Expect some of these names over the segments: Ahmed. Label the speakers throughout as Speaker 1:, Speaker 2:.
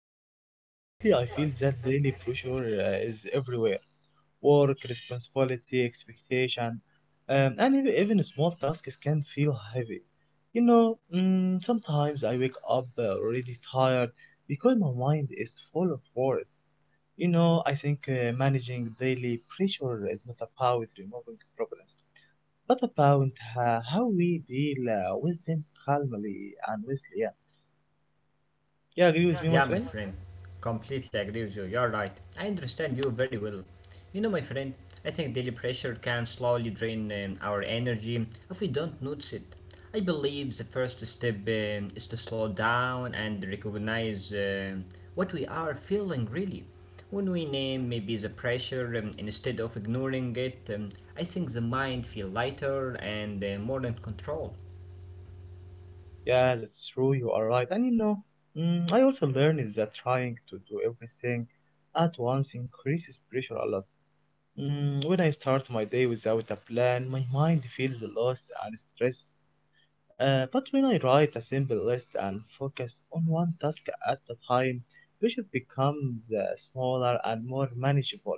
Speaker 1: Ahmed, lately I feel that daily pressure is everywhere. Work, responsibility, expectation, and even small tasks can feel heavy. Sometimes I wake up already tired because my mind is full of worries. You know, I think managing daily pressure is not about removing problems, but about how we deal with them calmly and wisely. Yeah, you agree with me, my
Speaker 2: Yeah,
Speaker 1: friend?
Speaker 2: my friend. Completely agree with you. You're right. I understand you very well. You know, my friend, I think daily pressure can slowly drain our energy if we don't notice it. I believe the first step is to slow down and recognize what we are feeling really. When we name maybe the pressure instead of ignoring it, I think the mind feel lighter and more in control.
Speaker 1: Yeah, that's true. You are right. And you know, I also learned that trying to do everything at once increases pressure a lot. When I start my day without a plan, my mind feels lost and stressed. But when I write a simple list and focus on one task at a time, pressure becomes smaller and more manageable.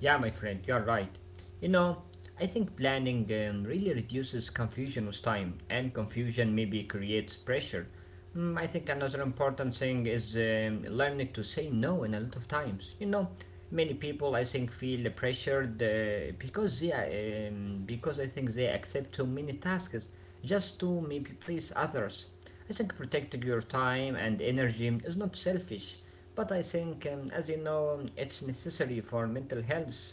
Speaker 2: Yeah, my friend, you're right. You know, I think planning really reduces confusion with time, and confusion maybe creates pressure. I think another important thing is learning to say no in a lot of times. You know, many people I think feel pressured because because I think they accept too many tasks just to maybe please others. I think protecting your time and energy is not selfish. But I think, as you know, it's necessary for mental health.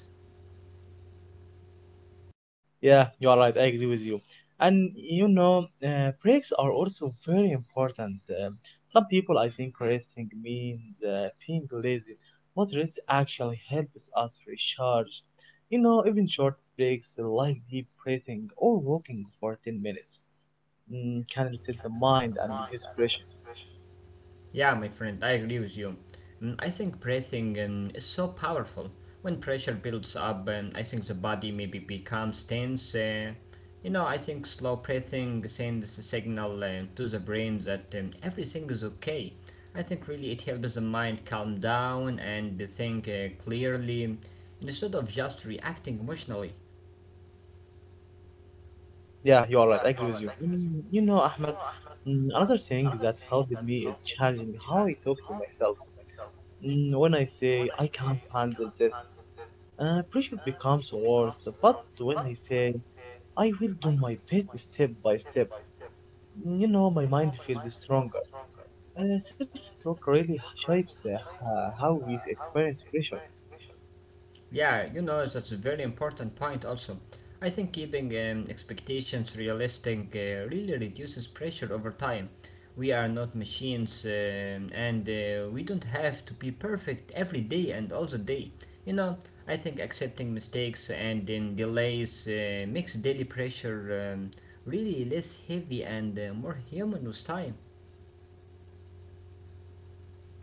Speaker 1: Yeah, you are right. I agree with you. And you know, breaks are also very important. Um, some people, I think, resting means being lazy, but rest actually helps us recharge. You know, even short breaks like deep breathing or walking for 10 minutes can reset the mind and reduce pressure.
Speaker 2: Yeah, my friend, I agree with you. I think breathing is so powerful. When pressure builds up, I think the body maybe becomes tense. You know, I think slow breathing sends a signal to the brain that everything is okay. I think really it helps the mind calm down and think clearly instead of just reacting emotionally.
Speaker 1: Yeah, you are right. I agree with you. You know, Ahmed, another thing that helped me is changing how I talk to myself. When I say I can't handle this, pressure becomes worse, but when I say I will do my best step by step, you know, my mind feels stronger. Self talk really shapes how we experience pressure.
Speaker 2: Yeah, you know, that's a very important point also. I think keeping expectations realistic really reduces pressure over time. We are not machines and we don't have to be perfect every day and all the day. You know, I think accepting mistakes and then delays makes daily pressure really less heavy and more human with time.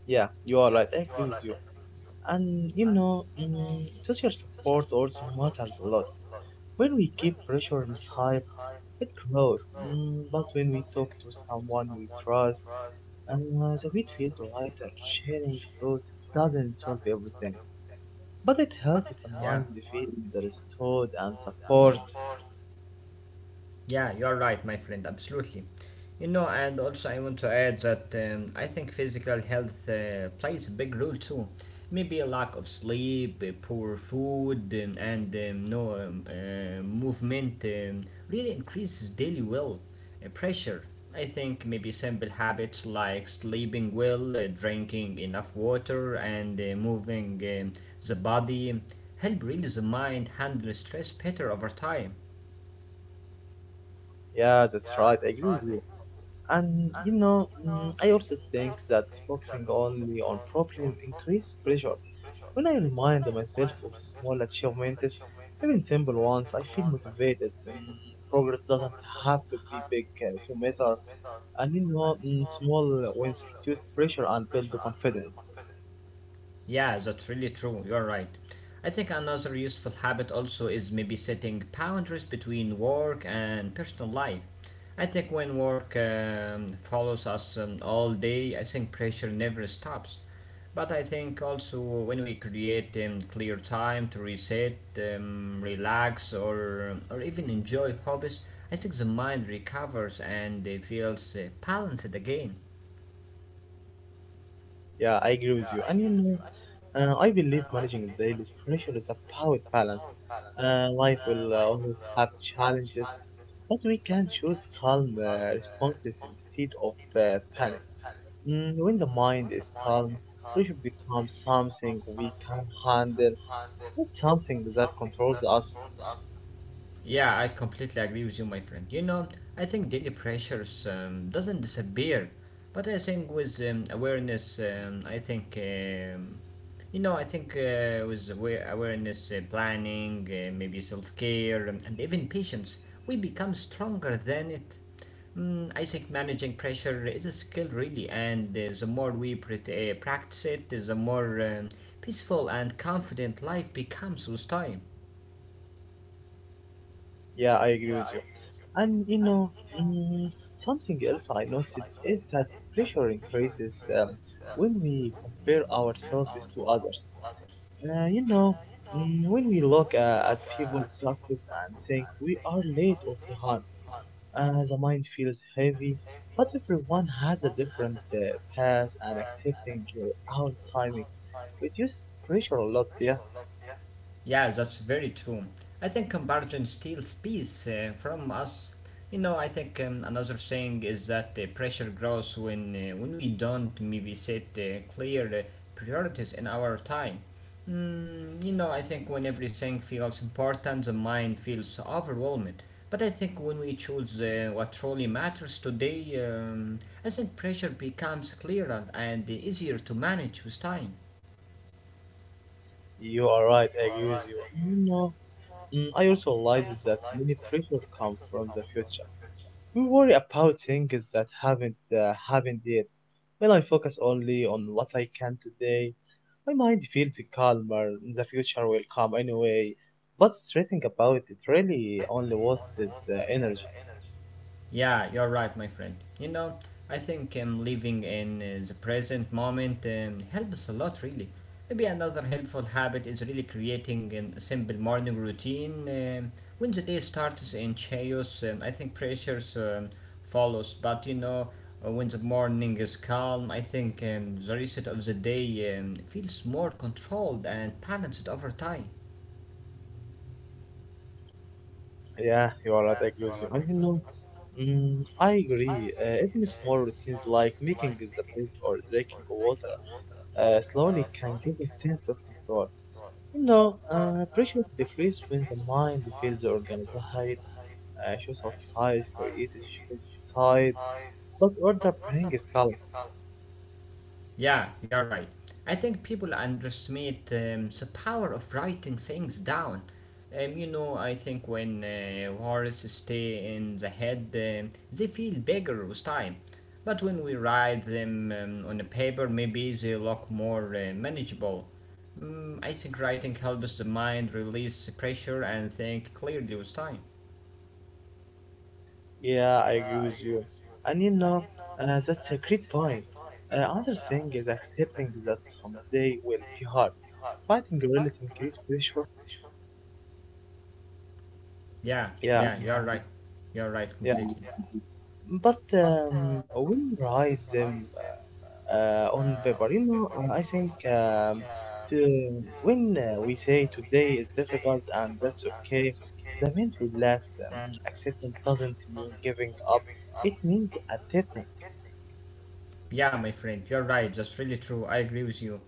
Speaker 1: Yeah, you are right, I agree with you. And you know, social support also matters a lot. When we keep pressure inside, it grows, but when we talk to someone we trust, and the weight feels lighter. Sharing thoughts doesn't solve everything, but it helps the mind feel understood and support.
Speaker 2: Yeah, you're right, my friend, absolutely. You know, and also I want to add that I think physical health plays a big role too. Maybe a lack of sleep, poor food, and no movement really increases daily pressure. I think maybe simple habits like sleeping well, drinking enough water, and moving the body help really the mind handle stress better over time.
Speaker 1: Yeah, that's right. I agree with you. And you know, I also think that focusing only on problems increases pressure. When I remind myself of small achievements, even simple ones, I feel motivated. And progress doesn't have to be big to matter. And you know, small wins reduce pressure and build the confidence.
Speaker 2: Yeah, that's really true. You're right. I think another useful habit also is maybe setting boundaries between work and personal life. I think when work follows us all day, I think pressure never stops. But I think also when we create clear time to reset, relax, or even enjoy hobbies, I think the mind recovers and feels balanced again.
Speaker 1: Yeah, I agree with you. And you know, I believe managing daily pressure is about balance. Life will always have challenges, but we can choose calm responses instead of panic. When the mind is calm, pressure becomes something we can handle, not something that controls us.
Speaker 2: Yeah, I completely agree with you, my friend. You know, I think daily pressures doesn't disappear, but I think with awareness, I think, you know, I think with awareness, planning, maybe self care, and even patience, we become stronger than it. I think managing pressure is a skill, really, and the more we practice it, the more peaceful and confident life becomes with time.
Speaker 1: Yeah, I agree with you. And you know, mm, something else I noticed is that pressure increases um, when we compare ourselves to others. You know, when we look at people's success and think we are late or behind, the mind feels heavy. But everyone has a different path, and accepting your own timing reduces pressure a lot. Yeah,
Speaker 2: Yeah, that's very true. I think comparison steals peace from us. You know, I think another thing is that pressure grows when we don't maybe set clear priorities in our time. You know, I think when everything feels important, the mind feels overwhelmed. But I think when we choose what truly matters today, I think pressure becomes clearer and easier to manage with time.
Speaker 1: you are right. I agree with you. You know, I also realized that many pressures come from the future. We worry about things that haven't yet. When I focus only on what I can today, my mind feels calmer. The future will come anyway. But stressing about it really only wastes energy.
Speaker 2: Yeah, you're right, my friend. You know, I think living in the present moment helps a lot, really. Maybe another helpful habit is really creating a simple morning routine. When the day starts in chaos, I think pressures follows. But you know, when the morning is calm, I think the reset of the day feels more controlled and balanced over time.
Speaker 1: Yeah, you are right. I agree with you. And you know, I agree. Even small routines like making the bed or drinking water slowly can give a sense of control. You know, pressure decreases when the mind feels organized, shows outside, creative, shows outside, but order brings calm.
Speaker 2: Yeah, you're right. I think people underestimate the power of writing things down. You know, I think when words stay in the head, they feel bigger with time. But when we write them on a paper, maybe they look more manageable. I think writing helps the mind release the pressure and think clearly with time.
Speaker 1: Yeah, I agree with you. And you know, that's a great point. Another thing is accepting that someday will be hard. Fighting really increases pressure.
Speaker 2: Yeah,
Speaker 1: Yeah,
Speaker 2: yeah, you're right. You're right
Speaker 1: yeah.
Speaker 2: completely.
Speaker 1: But we rise them on paper. You know, I think, when we say today is difficult and that's okay, the mind relax. Acceptance doesn't mean giving up. It means adapting.
Speaker 2: Yeah, my friend, you're right. That's really true. I agree with you.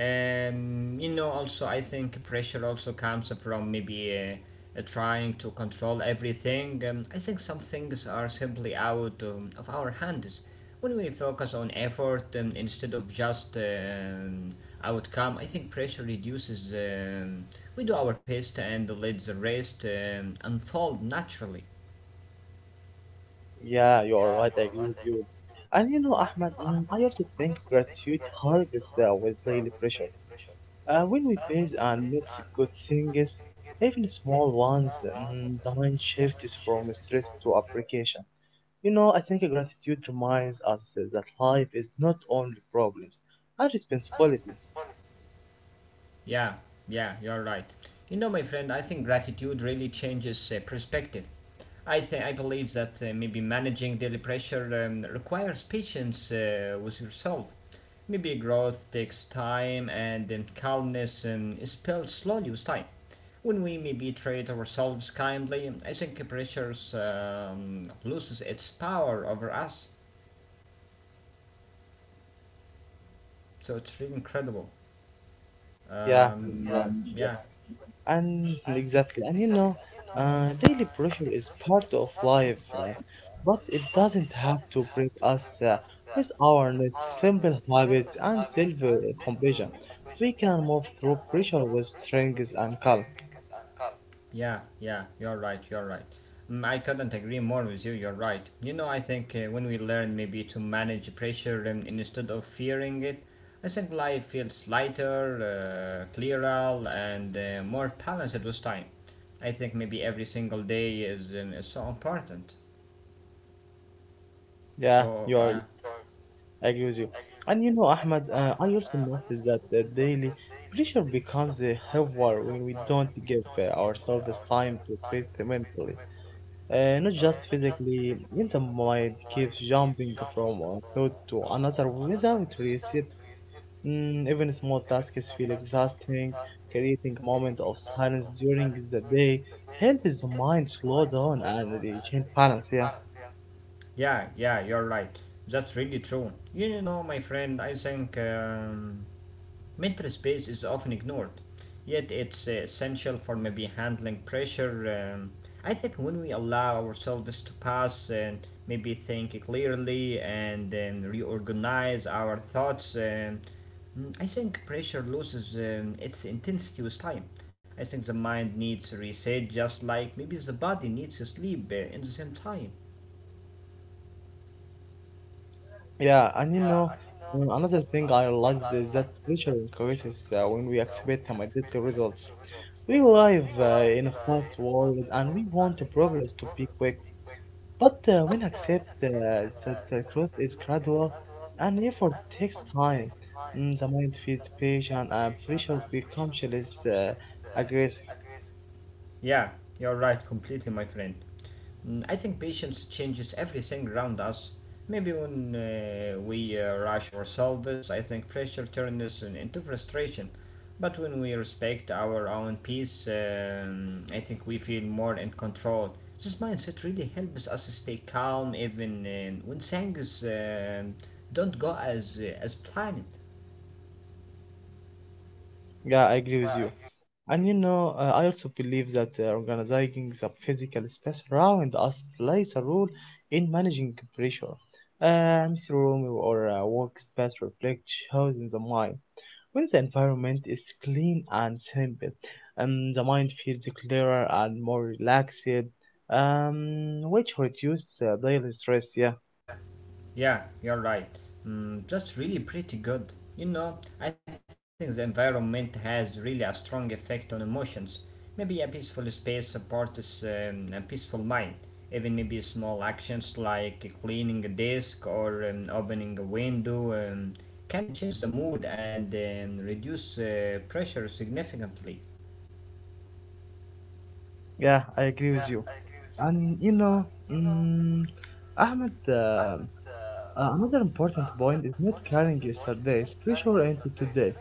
Speaker 2: You know, also I think pressure also comes from maybe trying to control everything. I think some things are simply out of our hands. When we focus on effort instead of just outcome, I think pressure reduces. We do our best and let the rest unfold naturally.
Speaker 1: Yeah, you are right. I agree with you. And you know, Ahmed, I also think gratitude helps with daily pressure. When we praise and notice good things, even small ones, the mind shifts from stress to appreciation. You know, I think gratitude reminds us that life is not only problems and responsibility.
Speaker 2: Yeah, yeah, you're right. You know, my friend, I think gratitude really changes perspective. I think I believe that maybe managing daily pressure requires patience with yourself. Maybe growth takes time, and then calmness is built slowly with time. When we maybe treat ourselves kindly, I think pressure loses its power over us. So it's really incredible.
Speaker 1: Yeah, that's
Speaker 2: Um, yeah.
Speaker 1: right. Yeah. And exactly. And you know, daily pressure is part of life, but it doesn't have to break us. With awareness, simple habits, and self compassion, we can move through pressure with strength and calm.
Speaker 2: Yeah, yeah, you're right, you're right. I couldn't agree more with you, you're right. You know, I think when we learn maybe to manage pressure instead of fearing it, I think life feels lighter, clearer, and more balanced with time. I think maybe every single day is so important.
Speaker 1: Yeah, you
Speaker 2: So,
Speaker 1: are
Speaker 2: yeah.
Speaker 1: I agree with you. And you know, Ahmed, I also noticed that daily pressure becomes a heavier when we don't give ourselves time to breathe mentally. Not just physically, when the mind keeps jumping from one thought to another without reset. Even small tasks feel exhausting. Creating a moment of silence during the day helps the mind slow down and regain balance. Yeah.
Speaker 2: Yeah, yeah, you're right. That's really true. You know, my friend, I think. Mental space is often ignored, yet it's essential for maybe handling pressure. I think when we allow ourselves to pass and maybe think clearly and reorganize our thoughts, I think pressure loses its intensity with time. I think the mind needs reset just like maybe the body needs sleep in the same time.
Speaker 1: Yeah, and you know, another thing I realized is that pressure increases when we expect immediate results. We live in a fast world and we want the progress to be quick, but when accept that the growth is gradual and effort takes time, the mind feels patient and pressure becomes less aggressive.
Speaker 2: Yeah, you're right completely, my friend. I think patience changes everything around us. Maybe when we rush ourselves, I think pressure turns into frustration. But when we respect our own peace, I think we feel more in control. This mindset really helps us stay calm even when things don't go as planned.
Speaker 1: Yeah, I agree with you. And you know, I also believe that organizing the physical space around us plays a role in managing pressure. MC room or workspace reflect shows in the mind. When the environment is clean and simple, the mind feels clearer and more relaxed, which reduces daily stress. Yeah,
Speaker 2: Yeah, you're right. Just really pretty good. You know, I think the environment has really a strong effect on emotions. Maybe a peaceful space supports a peaceful mind. Even maybe small actions like cleaning a desk or opening a window can change the mood and reduce pressure significantly.
Speaker 1: yeah, I agree with you. And you know, mm Ahmed. Another important point is not carrying yesterday's pressure into today.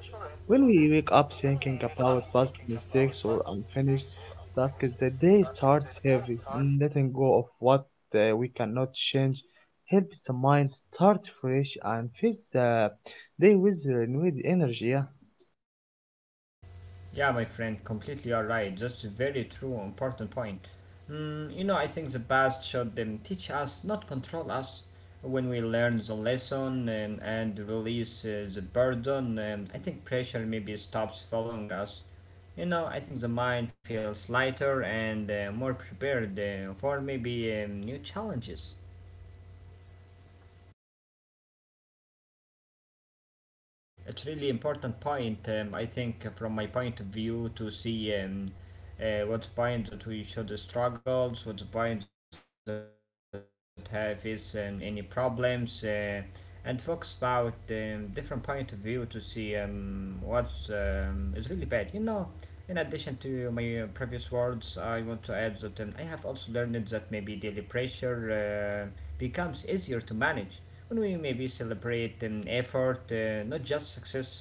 Speaker 1: When we wake up thinking about past mistakes or unfinished tasks, the day starts heavy. Letting go of what we cannot change helps the mind start fresh and face the day with renewed energy. Yeah,
Speaker 2: Yeah, my friend, completely all right. That's a very true, important point. You know, I think the past should teach us, not control us. When we learn the lesson and release the burden, I think pressure maybe stops following us. You know, I think the mind feels lighter and more prepared for maybe new challenges. It's really important point. I think from my point of view to see what's point that we should struggles, what's point that have is any problems, and focus about different point of view to see what's is really bad. You know, in addition to my previous words, I want to add that I have also learned that maybe daily pressure becomes easier to manage when we maybe celebrate effort, not just success.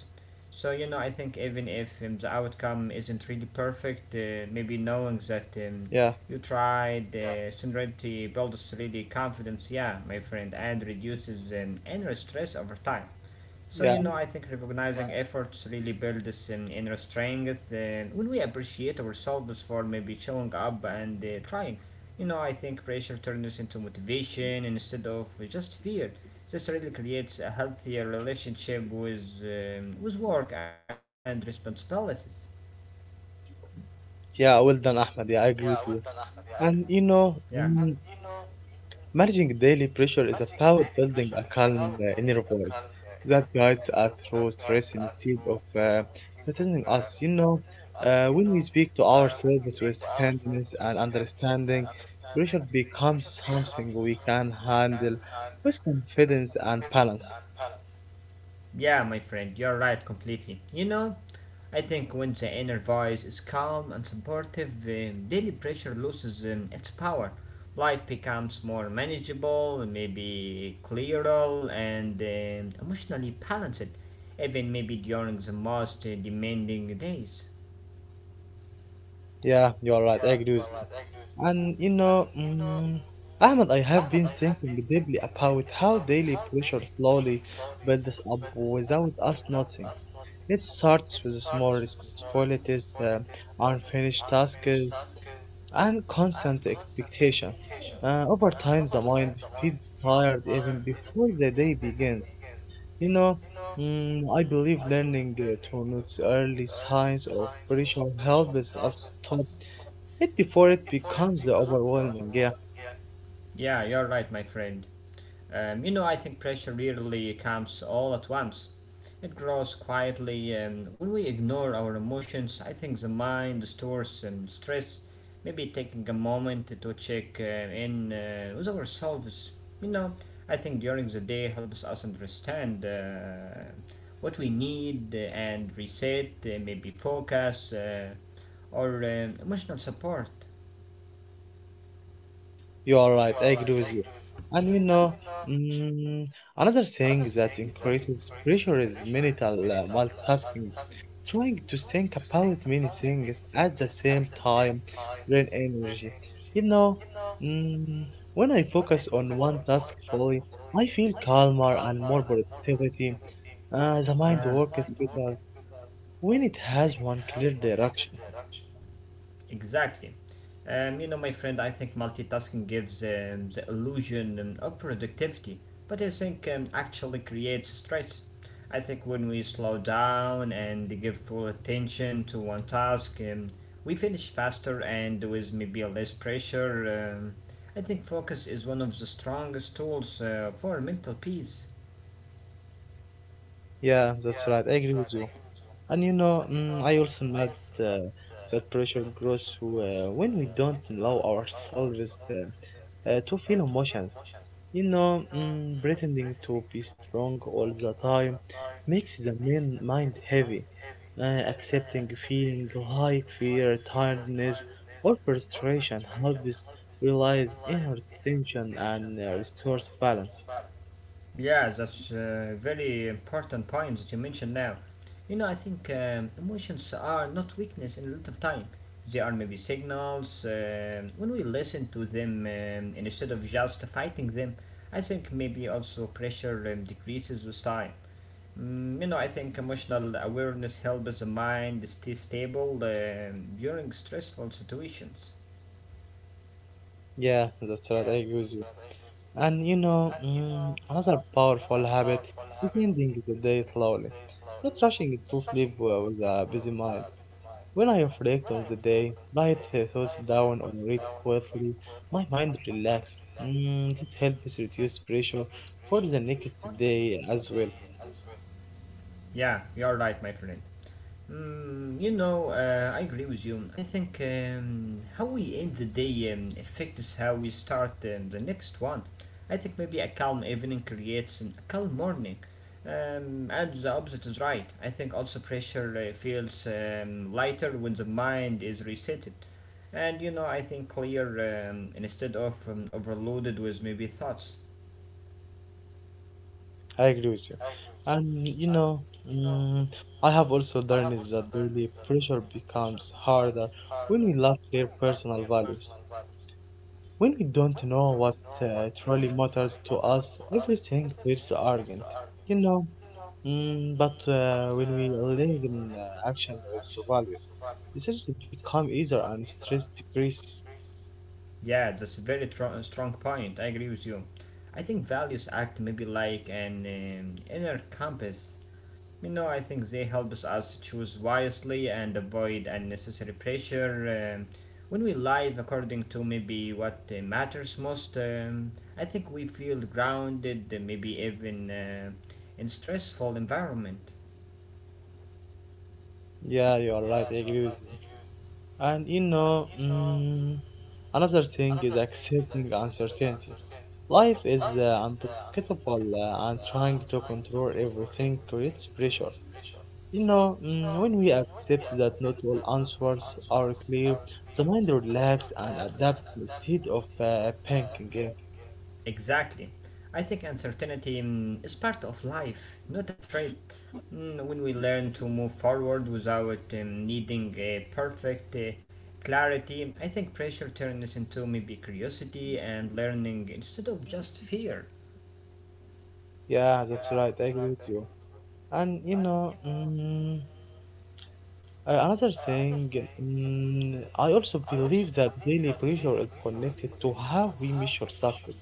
Speaker 2: So you know, I think even if the outcome isn't really perfect, maybe knowing that
Speaker 1: yeah,
Speaker 2: you tried, sincerity builds really confidence. Yeah, my friend, and reduces inner stress over time. So you
Speaker 1: yeah.
Speaker 2: know, I think recognizing efforts really builds inner strength. When we appreciate ourselves for maybe showing up and trying, you know, I think pressure turns into motivation instead of just fear. This really creates a healthier relationship with work and responsibilities.
Speaker 1: Yeah, well done, Ahmed. Yeah, I agree with you. And you
Speaker 2: Yeah,
Speaker 1: know, Managing daily pressure is about building a calm inner voice that guides us through stress instead of threatening us. You know, when we speak to ourselves with kindness and understanding, pressure becomes something we can handle with confidence and balance.
Speaker 2: yeah, my friend, you're right completely. You know, I think when the inner voice is calm and supportive, daily pressure loses its power. Life becomes more manageable, maybe clearer, and emotionally balanced, even maybe during the most demanding days.
Speaker 1: Yeah, you are right. I agree with you. And you know, Ahmed, I have been thinking deeply about how daily pressure slowly builds up without us noticing. It starts with small responsibilities, unfinished tasks, and constant expectation. Over time, the mind feels tired even before the day begins. You know, I believe learning to notice early signs of pressure helps us stop it before it becomes overwhelming. Yeah.
Speaker 2: Yeah, you're right, my friend. You know, I think pressure rarely comes all at once. It grows quietly. When we ignore our emotions, I think the mind stores stress. Maybe taking a moment to check in with ourselves, you know, I think during the day helps us understand what we need and reset, maybe focus or emotional support.
Speaker 1: You are right. I agree with you. And you know, mm, another thing that increases pressure is mental multitasking. Trying to think about many things at the same time drain energy. You know, mm, when I focus on one task fully, I feel calmer and more productivity. The mind works better when it has one clear direction.
Speaker 2: Exactly. You know, my friend, I think multitasking gives the illusion of productivity, but I think actually creates stress. I think when we slow down and give full attention to one task, we finish faster and with maybe less pressure. I think focus is one of the strongest tools for mental peace.
Speaker 1: Yeah, that's right. I agree with you. And you know, I also note uh, that pressure grows when we don't allow ourselves to feel emotions. You know, pretending to be strong all the time makes the main mind heavy. Accepting feeling like fear, tiredness, or frustration helps realize inner tension and restores balance.
Speaker 2: Yeah, that's a very important point that you mentioned now. You know, I think emotions are not weakness in a lot of time. They are maybe signals. When we listen to them instead of just fighting them, I think maybe also pressure decreases with time. Mm, you know, I think emotional awareness helps the mind stay stable during stressful situations.
Speaker 1: Yeah, that's right. I agree with you. And you know, another powerful habit is ending the day slowly, not rushing to sleep with a busy mind. When I reflect on the day, write thoughts down or read quietly, my mind relaxes. This helps reduce pressure for the next day as well.
Speaker 2: Yeah, you are right, my friend. Mm, you know, I agree with you. I think how we end the day affects how we start the next one. I think maybe a calm evening creates a calm morning. And the opposite is right. I think also pressure feels lighter when the mind is resetted. And you know, I think clear instead of overloaded with maybe thoughts.
Speaker 1: I agree with you. And you know, I have also learned is that daily pressure becomes harder when we lack clear personal values. When we don't know what truly matters to us, everything feels urgent, you know. But when we link in action with values, decisions become easier and stress decrease.
Speaker 2: Yeah, that's a strong point. I agree with you. I think values act maybe like an inner compass. You know, I think they help us choose wisely and avoid unnecessary pressure. When we live according to maybe what matters most, I think we feel grounded, maybe even in stressful environment.
Speaker 1: Yeah, you are right. I agree with you. And you know, another thing is accepting uncertainty. Life is unpredictable, and trying to control everything creates pressure. You know, when we accept that not all answers are clear, the mind relaxes and adapts instead of panicking. Yeah,
Speaker 2: Exactly. I think uncertainty is part of life, not a threat. Mm, when we learn to move forward without needing a perfect clarity, I think pressure turns into maybe curiosity and learning instead of just fear.
Speaker 1: Yeah, that's right. I agree with you. And you know, another thing, I also believe that daily pressure is connected to how we measure success.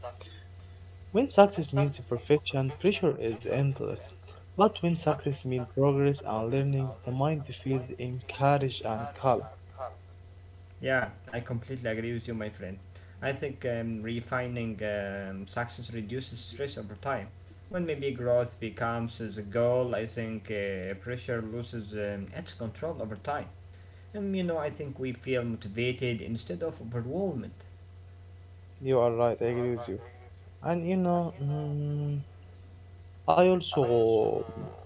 Speaker 1: When success means perfection, pressure is endless. But when success means progress and learning, the mind feels encouraged and calm.
Speaker 2: Yeah, I completely agree with you, my friend. I think refining success reduces stress over time. When maybe growth becomes the goal, I think pressure loses its control over time. You know, I think we feel motivated instead of overwhelmed.
Speaker 1: You are right. I agree with you. And you know, I also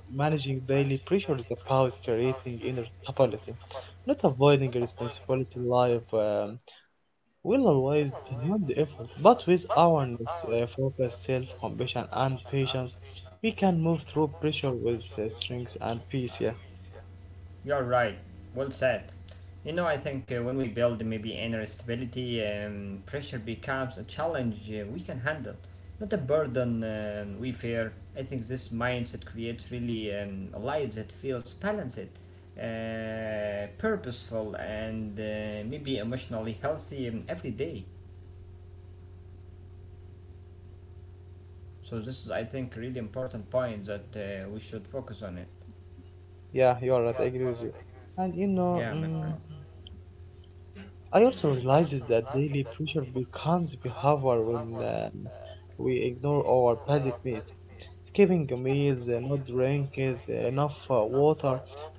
Speaker 1: managing daily pressure is about creating inner stability, not avoiding responsibility. Life will always demand effort, but with awareness, focus, self-compassion, and patience, we can move through pressure with strength and peace. Yeah,
Speaker 2: You're right. Well said. You know, I think when we build maybe inner stability, pressure becomes a challenge we can handle, not a burden we fear. I think this mindset creates really a life that feels balanced, purposeful, and maybe emotionally healthy every day. So this is, I think, really important point that we should focus on it.
Speaker 1: yeah, you are right. I agree with you. And you know.
Speaker 2: Yeah.
Speaker 1: I also realizes that daily pressure becomes behavior when we ignore our basic needs. Skipping meals, not drinking enough water,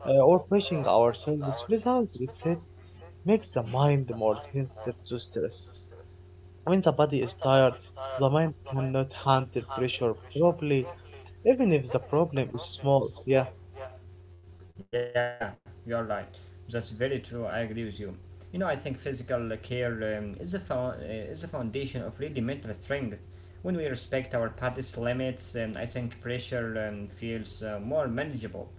Speaker 1: or pushing ourselves without reset makes the mind more sensitive to stress. When the body is tired, the mind cannot handle pressure properly, even if the problem is small. Yeah,
Speaker 2: Yeah, you're right. That's very true. I agree with you. You know, I think physical care is a foundation of really mental strength. When we respect our body's limits, I think pressure feels more manageable.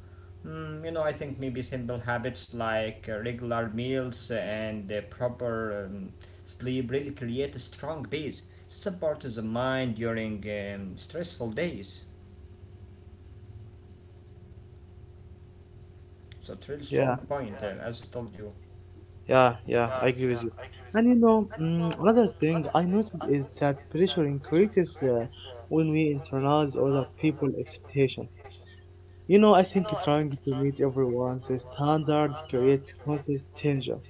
Speaker 2: Mm, you know, I think maybe simple habits like regular meals and proper sleep really create a strong base to support the mind during stressful days. So, it's really strong
Speaker 1: yeah.
Speaker 2: point, as I told you.
Speaker 1: Yeah, yeah, I agree with you. And you know, another thing I noticed is that pressure increases when we internalize other people's expectation. You know, I think trying to meet everyone's standard creates constant tension.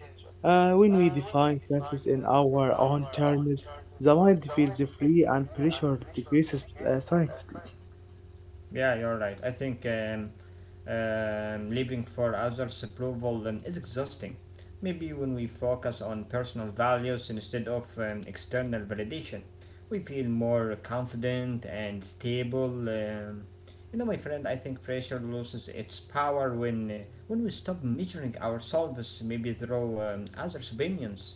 Speaker 1: When we define success in our own terms, the mind feels free and pressure decreases silently.
Speaker 2: Yeah, you're right. I think living for others' approval is exhausting. Maybe when we focus on personal values instead of external validation, we feel more confident and stable. You know, my friend, I think pressure loses its power when we stop measuring ourselves maybe through others' opinions.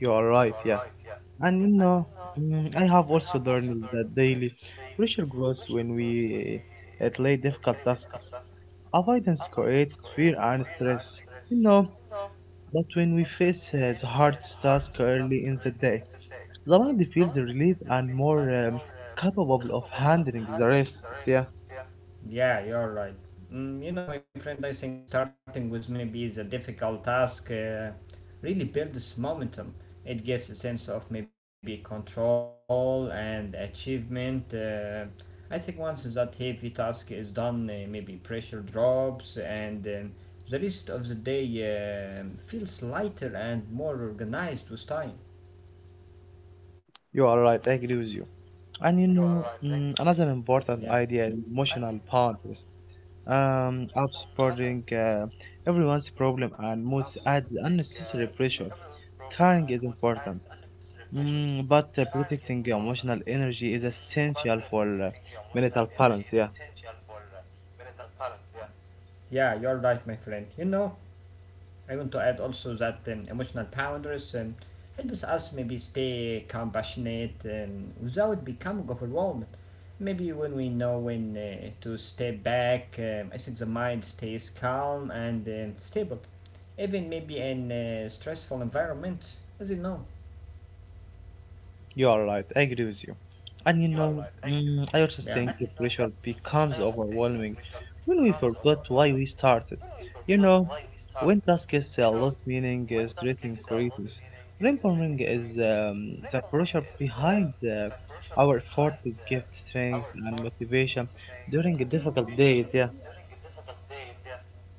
Speaker 1: You are right, yeah. And you know, I have also learned that daily pressure grows when we delay difficult tasks. Avoidance creates fear and stress. You know, but when we face the hard task early in the day, the mind feels relieved and more capable of handling the rest. Yeah,
Speaker 2: Yeah, you're right. Mm, you know, my friend, I think starting with maybe is a difficult task really builds momentum. It gives a sense of maybe control and achievement. I think once that heavy task is done, maybe pressure drops and the rest of the day feels lighter and more organized with time.
Speaker 1: you are right. I agree with you. And you know,
Speaker 2: Yeah,
Speaker 1: another important idea is emotional boundaries. Upsporting everyone's problem and most adds unnecessary pressure. Caring is important, but protecting emotional energy is essential for mental balance. Yeah.
Speaker 2: yeah, you're right, my friend. You know, I want to add also that emotional boundaries helps us maybe stay compassionate without becoming overwhelmed. Maybe when we know when to step back, I think the mind stays calm and stable, even maybe in stressful environments, as you know.
Speaker 1: You are right. I agree with you. And you know, I also
Speaker 2: Yeah.
Speaker 1: think the pressure becomes overwhelming when we forgot why we started. You know, when tasks lose meaning, stress increases. Remembering is the pressure behind the, our effort is gives strength and motivation during difficult days. Yeah,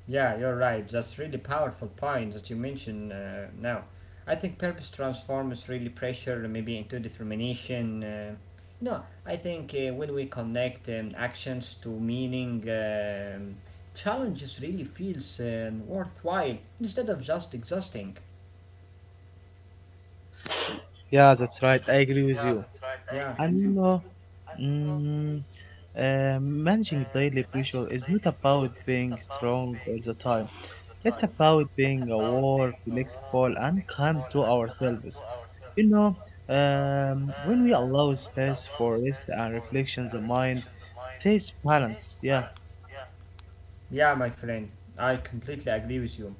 Speaker 2: Yeah, you're right. That's really powerful point that you mentioned now. I think purpose transforms really pressure maybe into determination. No, I think when we connect actions to meaning, challenges really feels worthwhile instead of just exhausting.
Speaker 1: yeah, that's right. I agree with you. And you know, mm, managing daily pressure is not about being strong all the time. It's about being aware, flexible, and kind to ourselves. You know, when we allow space for rest and reflection, the mind stays balanced. Yeah,
Speaker 2: Yeah, my friend, I completely agree with you.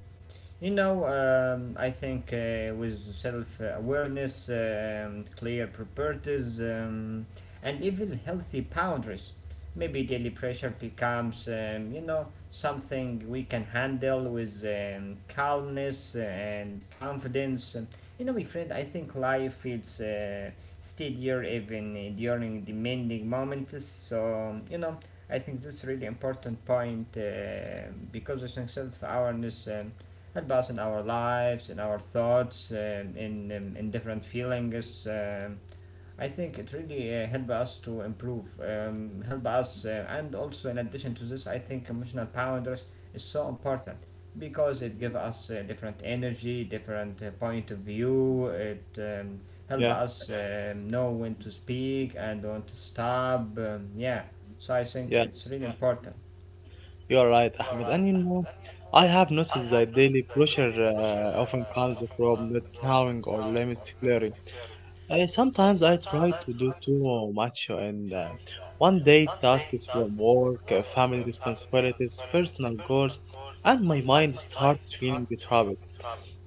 Speaker 2: You know, I think with self awareness, clear priorities, and even healthy boundaries, maybe daily pressure becomes, you know, something we can handle with calmness and confidence. You know, my friend, I think life feels steadier even during demanding moments. So, you know, I think that's really important point because I think self awareness. Help us in our lives, in our thoughts, in different feelings. I think it really help us to improve, help us, and also in addition to this, I think emotional boundaries is so important because it give us different energy, different point of view. It help
Speaker 1: yeah,
Speaker 2: us know when to speak and when to stop. Yeah, so I think
Speaker 1: yeah.
Speaker 2: it's really important.
Speaker 1: You are right, Ahmed. And you know, I have noticed that daily pressure often comes from not knowing or limits clearly. Sometimes I try to do too much and one day tasks from work, family responsibilities, personal goals, and my mind starts feeling troubled.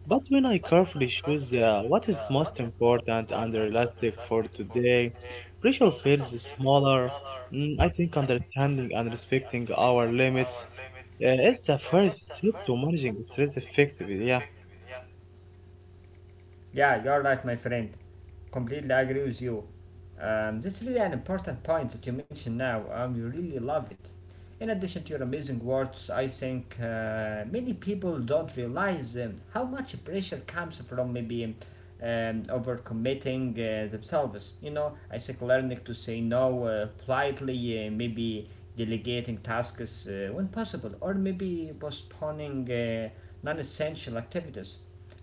Speaker 1: But when I carefully choose what is most important and realistic for today, pressure feels smaller. I think understanding and respecting our limits is the first step to managing stress effectively. Yeah,
Speaker 2: Yeah, you're right, my friend. Completely agree with you. That's really an important point that you mentioned now. You really love it. In addition to your amazing words, I think many people don't realize how much pressure comes from maybe overcommitting themselves. You know, I think learning to say no politely, maybe delegating tasks when possible, or maybe postponing non essential activities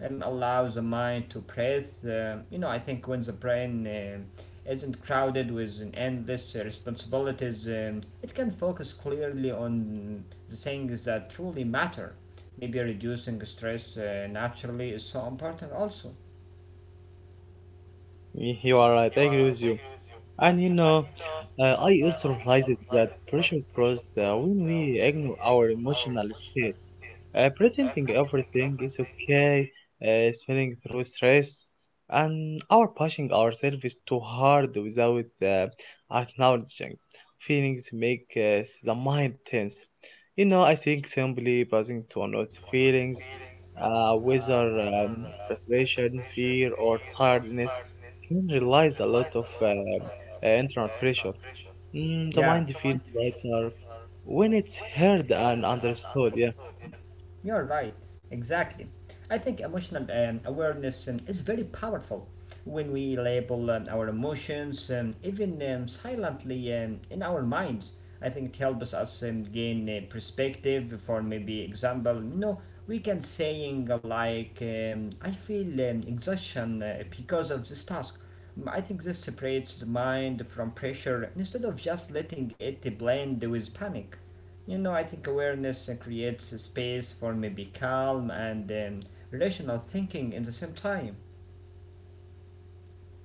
Speaker 2: allows the mind to breathe. You know, I think when the brain isn't crowded with an endless responsibilities, it can focus clearly on the things that truly matter. Maybe reducing stress naturally is so important, also.
Speaker 1: you are right. I agree with you. And you know, I also realized that pressure grows when we ignore our emotional state. Pretending everything is okay, smelling through stress, and or pushing ourselves too hard without acknowledging. Feelings make the mind tense. You know, I think simply passing to another feelings, whether frustration, fear, or tiredness, can realize a lot of internal pressure. The mind
Speaker 2: Yeah,
Speaker 1: feels lighter when it's heard and understood. Yeah.
Speaker 2: You're right, exactly. I think emotional awareness is very powerful when we label our emotions, even silently in our minds. I think it helps us gain a perspective. For maybe example, you know, we can saying "I feel exhaustion because of this task." Mm, I think this separates the mind from pressure instead of just letting it blend with panic. You know, I think awareness creates a space for maybe calm and rational thinking in the same time.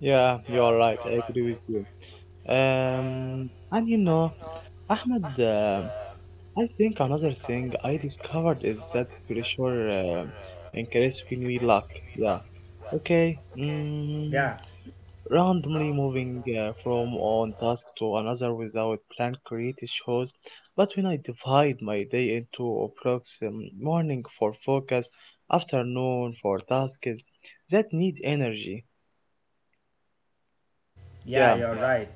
Speaker 1: Yeah, you are right. I agree with you. And you know, Ahmed, I think another thing I discovered is that pressure um increases when we lack. Yeah. Okay.
Speaker 2: Yeah,
Speaker 1: Randomly moving from one task to another without plan creates shows. But when I divide my day into approximately morning for focus, afternoon for tasks that need energy.
Speaker 2: yeah,
Speaker 1: Yeah.
Speaker 2: you're right.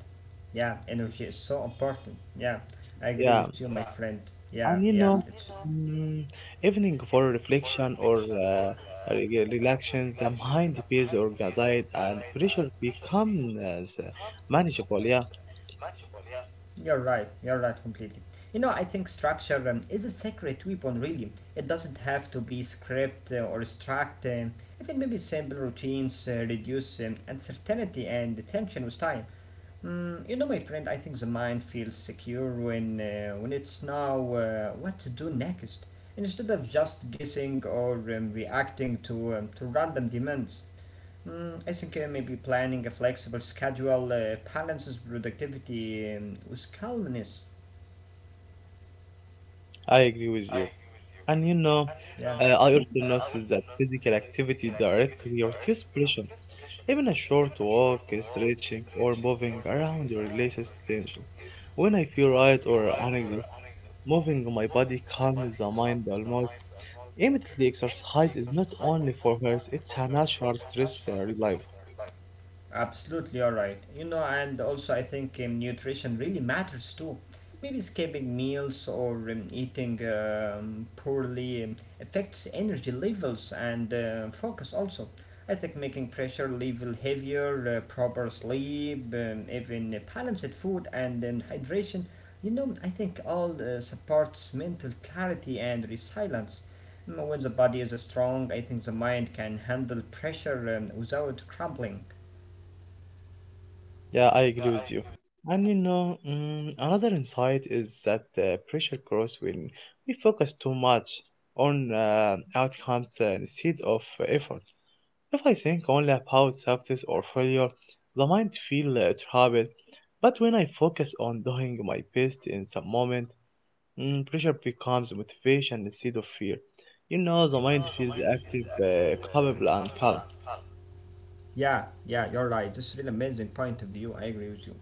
Speaker 2: Yeah, energy is so important. Yeah, I agree
Speaker 1: Yeah.
Speaker 2: with you, my friend. Yeah,
Speaker 1: And you
Speaker 2: yeah,
Speaker 1: know, mm, evening for reflection or relaxation, the mind feels organized and pressure becomes uh, manageable. Yeah,
Speaker 2: you're right. You're right completely. You know, I think structure is a secret weapon, really. It doesn't have to be script or struct. Even maybe simple routines reduce uncertainty and tension with time. Mm, you know, my friend, I think the mind feels secure when it's now what to do next, instead of just guessing or reacting to random demands. Mm, I think maybe planning a flexible schedule balances productivity with calmness.
Speaker 1: I agree with you. And you know, I also notice that physical activity directly reduces pressure. Even a short walk, stretching, or moving around releases tension. When I feel right or anxious, moving my body calms the mind almost immediately. Exercise is not only for health, it's a natural stress reliever.
Speaker 2: Absolutely, all right. You know, and also I think nutrition really matters too. Maybe skipping meals or eating poorly affects energy levels and focus also. I think making pressure level heavier, proper sleep, even balanced food and hydration, you know, I think all supports mental clarity and resilience. Mm, when the body is strong, I think the mind can handle pressure without crumbling.
Speaker 1: Yeah, I agree with you. And you know, another insight is that pressure grows when we focus too much on outcomes instead of effort. If I think only about success or failure, the mind feels troubled. But when I focus on doing my best in some moment, pressure becomes motivation instead of fear. You know, the mind feels active, capable, and calm.
Speaker 2: Yeah, you're right. It's really amazing point of view. I agree with you.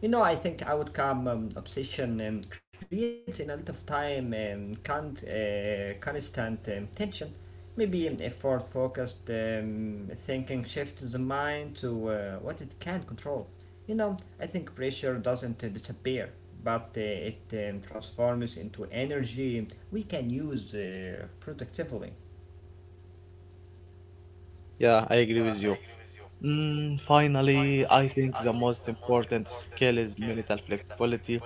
Speaker 2: You know, I think outcome obsession creates in a lot of time can't, constant tension. Maybe effort focused thinking shifts the mind to what it can control. You know, I think pressure doesn't disappear, but it transforms into energy we can use productively.
Speaker 1: Yeah, I agree with you. Finally, I think the most important skill is mental flexibility.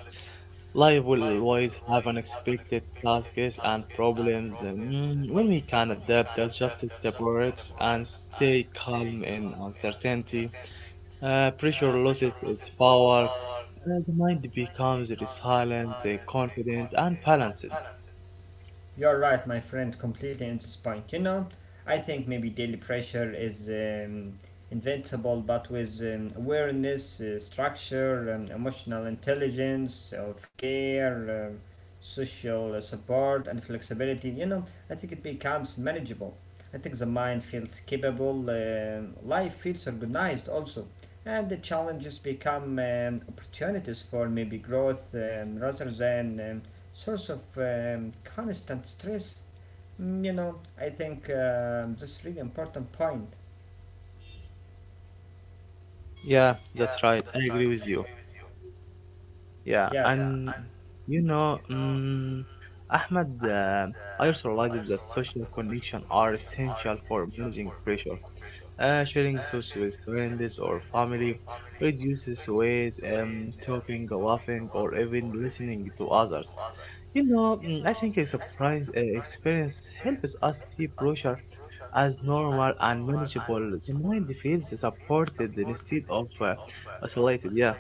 Speaker 1: Life will always have unexpected tasks and problems. When we can adapt, adjust, separate, and stay calm in uncertainty, pressure loses its power. The mind becomes resilient, confident, and balanced.
Speaker 2: You're right, my friend, completely into spike. You know, I think maybe daily pressure is invincible, but with awareness, structure, emotional intelligence, self care, social support, and flexibility, you know, I think it becomes manageable. I think the mind feels capable, life feels organized also, and the challenges become opportunities for maybe growth rather than source of constant stress. Mm, you know, I think this that's really important point.
Speaker 1: Yeah, that's right. I agree with you. Yeah,
Speaker 2: Yes.
Speaker 1: and you know, Ahmed, I also realized that social connection are essential for managing pressure. Sharing thoughts with friends or family reduces weight, talking, laughing, or even listening to others. You know, I think surprise experience helps us see pressure as normal and manageable. The mind feels supported instead of isolated. Yeah.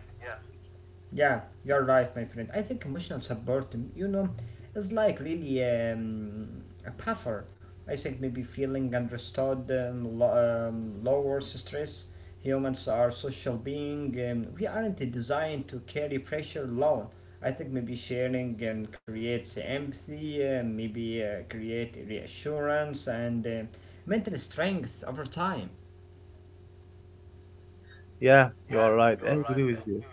Speaker 2: Yeah, you're right, my friend. I think emotional support, you know, is like really a buffer. I think maybe feeling understood lowers stress. Humans are social being. We aren't designed to carry pressure alone. I think maybe sharing creates empathy, maybe create reassurance and mental strength over time.
Speaker 1: Yeah, you're right. I agree with you.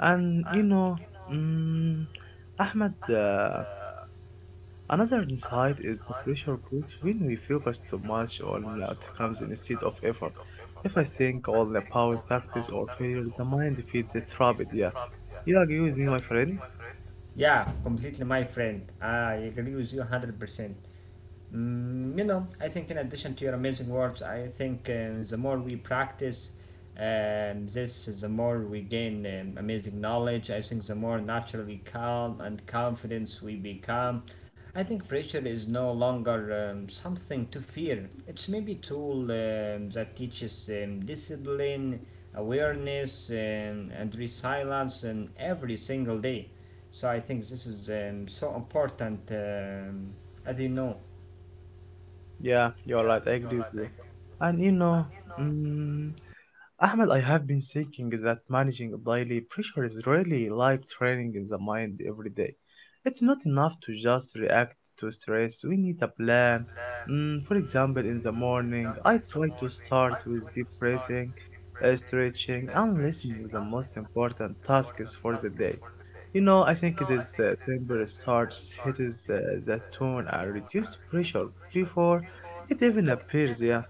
Speaker 1: And you know, mm, Ahmed, another insight is the pressure grows when we focus too much on outcomes instead of effort. If I think all about success or failure, the mind feeds it rapid. Yeah, you agree with me, my friend?
Speaker 2: Yeah, completely, my friend. I agree with you 100%. Mm, you know, I think in addition to your amazing words, I think the more we practice this, the more we gain amazing knowledge. I think the more naturally calm and confidence we become. I think pressure is no longer something to fear. It's maybe a tool that teaches discipline, awareness, and resilience every single day. So I think this is so important, as you know.
Speaker 1: Yeah, you're right. I agree with you. And you know, mm, Ahmed, I have been thinking that managing daily pressure is really like training in the mind every day. It's not enough to just react to stress. We need a plan. For example, in the morning, I try to start with deep breathing, stretching, and listening to the most important tasks for the day. You know, I think this simple start hits the tone and reduce pressure before it even appears. Yeah.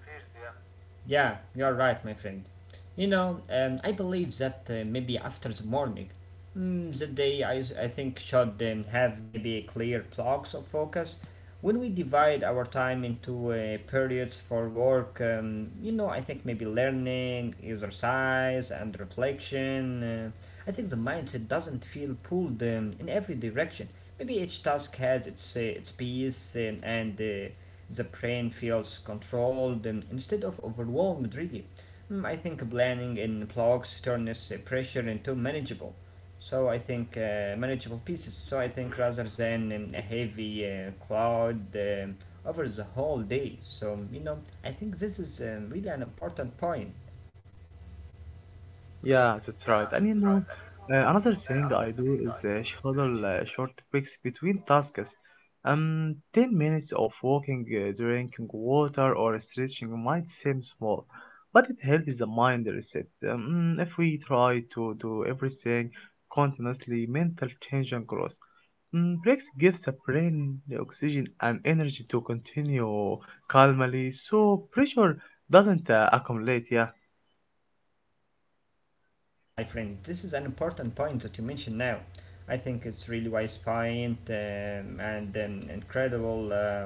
Speaker 2: Yeah, you're right, my friend. You know, I believe that maybe after the morning, mm, the day I think should have maybe clear blocks of focus. When we divide our time into periods for work, you know, I think maybe learning, exercise, and reflection. I think the mindset doesn't feel pulled in every direction. Maybe each task has its piece and the brain feels controlled instead of overwhelmed, really. Mm, I think planning in blocks turns pressure into manageable. So I think manageable pieces. So I think rather than a heavy cloud over the whole day. So you know, I think this is really an important point.
Speaker 1: Yeah, that's right. And you know, another thing I do is schedule short breaks between tasks. 10 minutes of walking, drinking water, or stretching might seem small, but it helps the mind reset. If we try to do everything continuously, mental change and growth. Breaks gives the brain the oxygen and energy to continue calmly, so pressure doesn't accumulate. Yeah,
Speaker 2: Yeah, my friend, this is an important point that you mentioned now. I think it's really wise point and incredible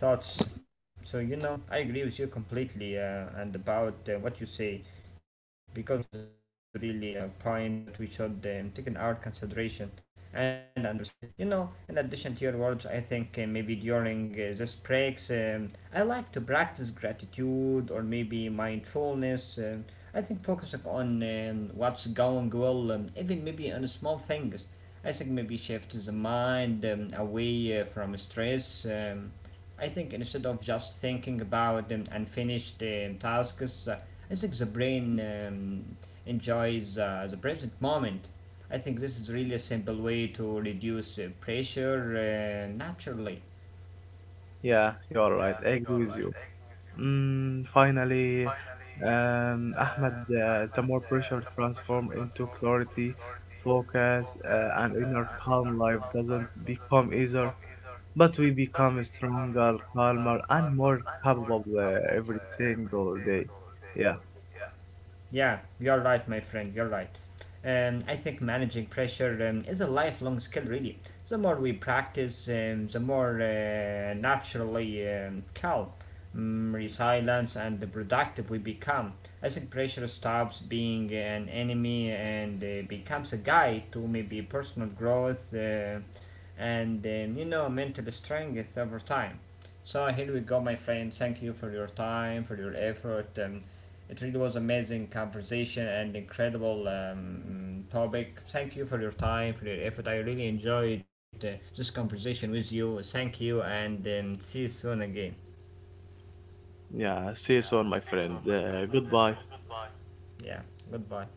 Speaker 2: thoughts. So, you know, I agree with you completely and about what you say because I think this is really a point that we should take in our consideration and understand it. You know, in addition to your words, I think maybe during this breaks, I like to practice gratitude or maybe mindfulness. I think focusing on what's going well, even maybe on small things, I think maybe shifts the mind away from stress. I think instead of just thinking about unfinished tasks, I think the brain enjoys the present moment. I think this is really a simple way to reduce pressure naturally.
Speaker 1: yeah, you're right. I agree with you. Finally, Ahmed, the more pressure transforms into clarity, focus, and inner calm. Life doesn't become easier, but we become stronger, calmer, and more capable every single day. Yeah,
Speaker 2: Yeah, you're right, my friend, you're right. I think managing pressure is a lifelong skill, really. The more we practice, the more naturally calm, resilient, and productive we become. I think pressure stops being an enemy and becomes a guide to maybe personal growth and you know, mental strength over time. So here we go, my friend. Thank you for your time, for your effort. It really was amazing conversation and incredible topic. Thank you for your time, for your effort. I really enjoyed this conversation with you. Thank you, and see you soon again.
Speaker 1: yeah. See you soon, my friend. Goodbye.
Speaker 2: Yeah, goodbye.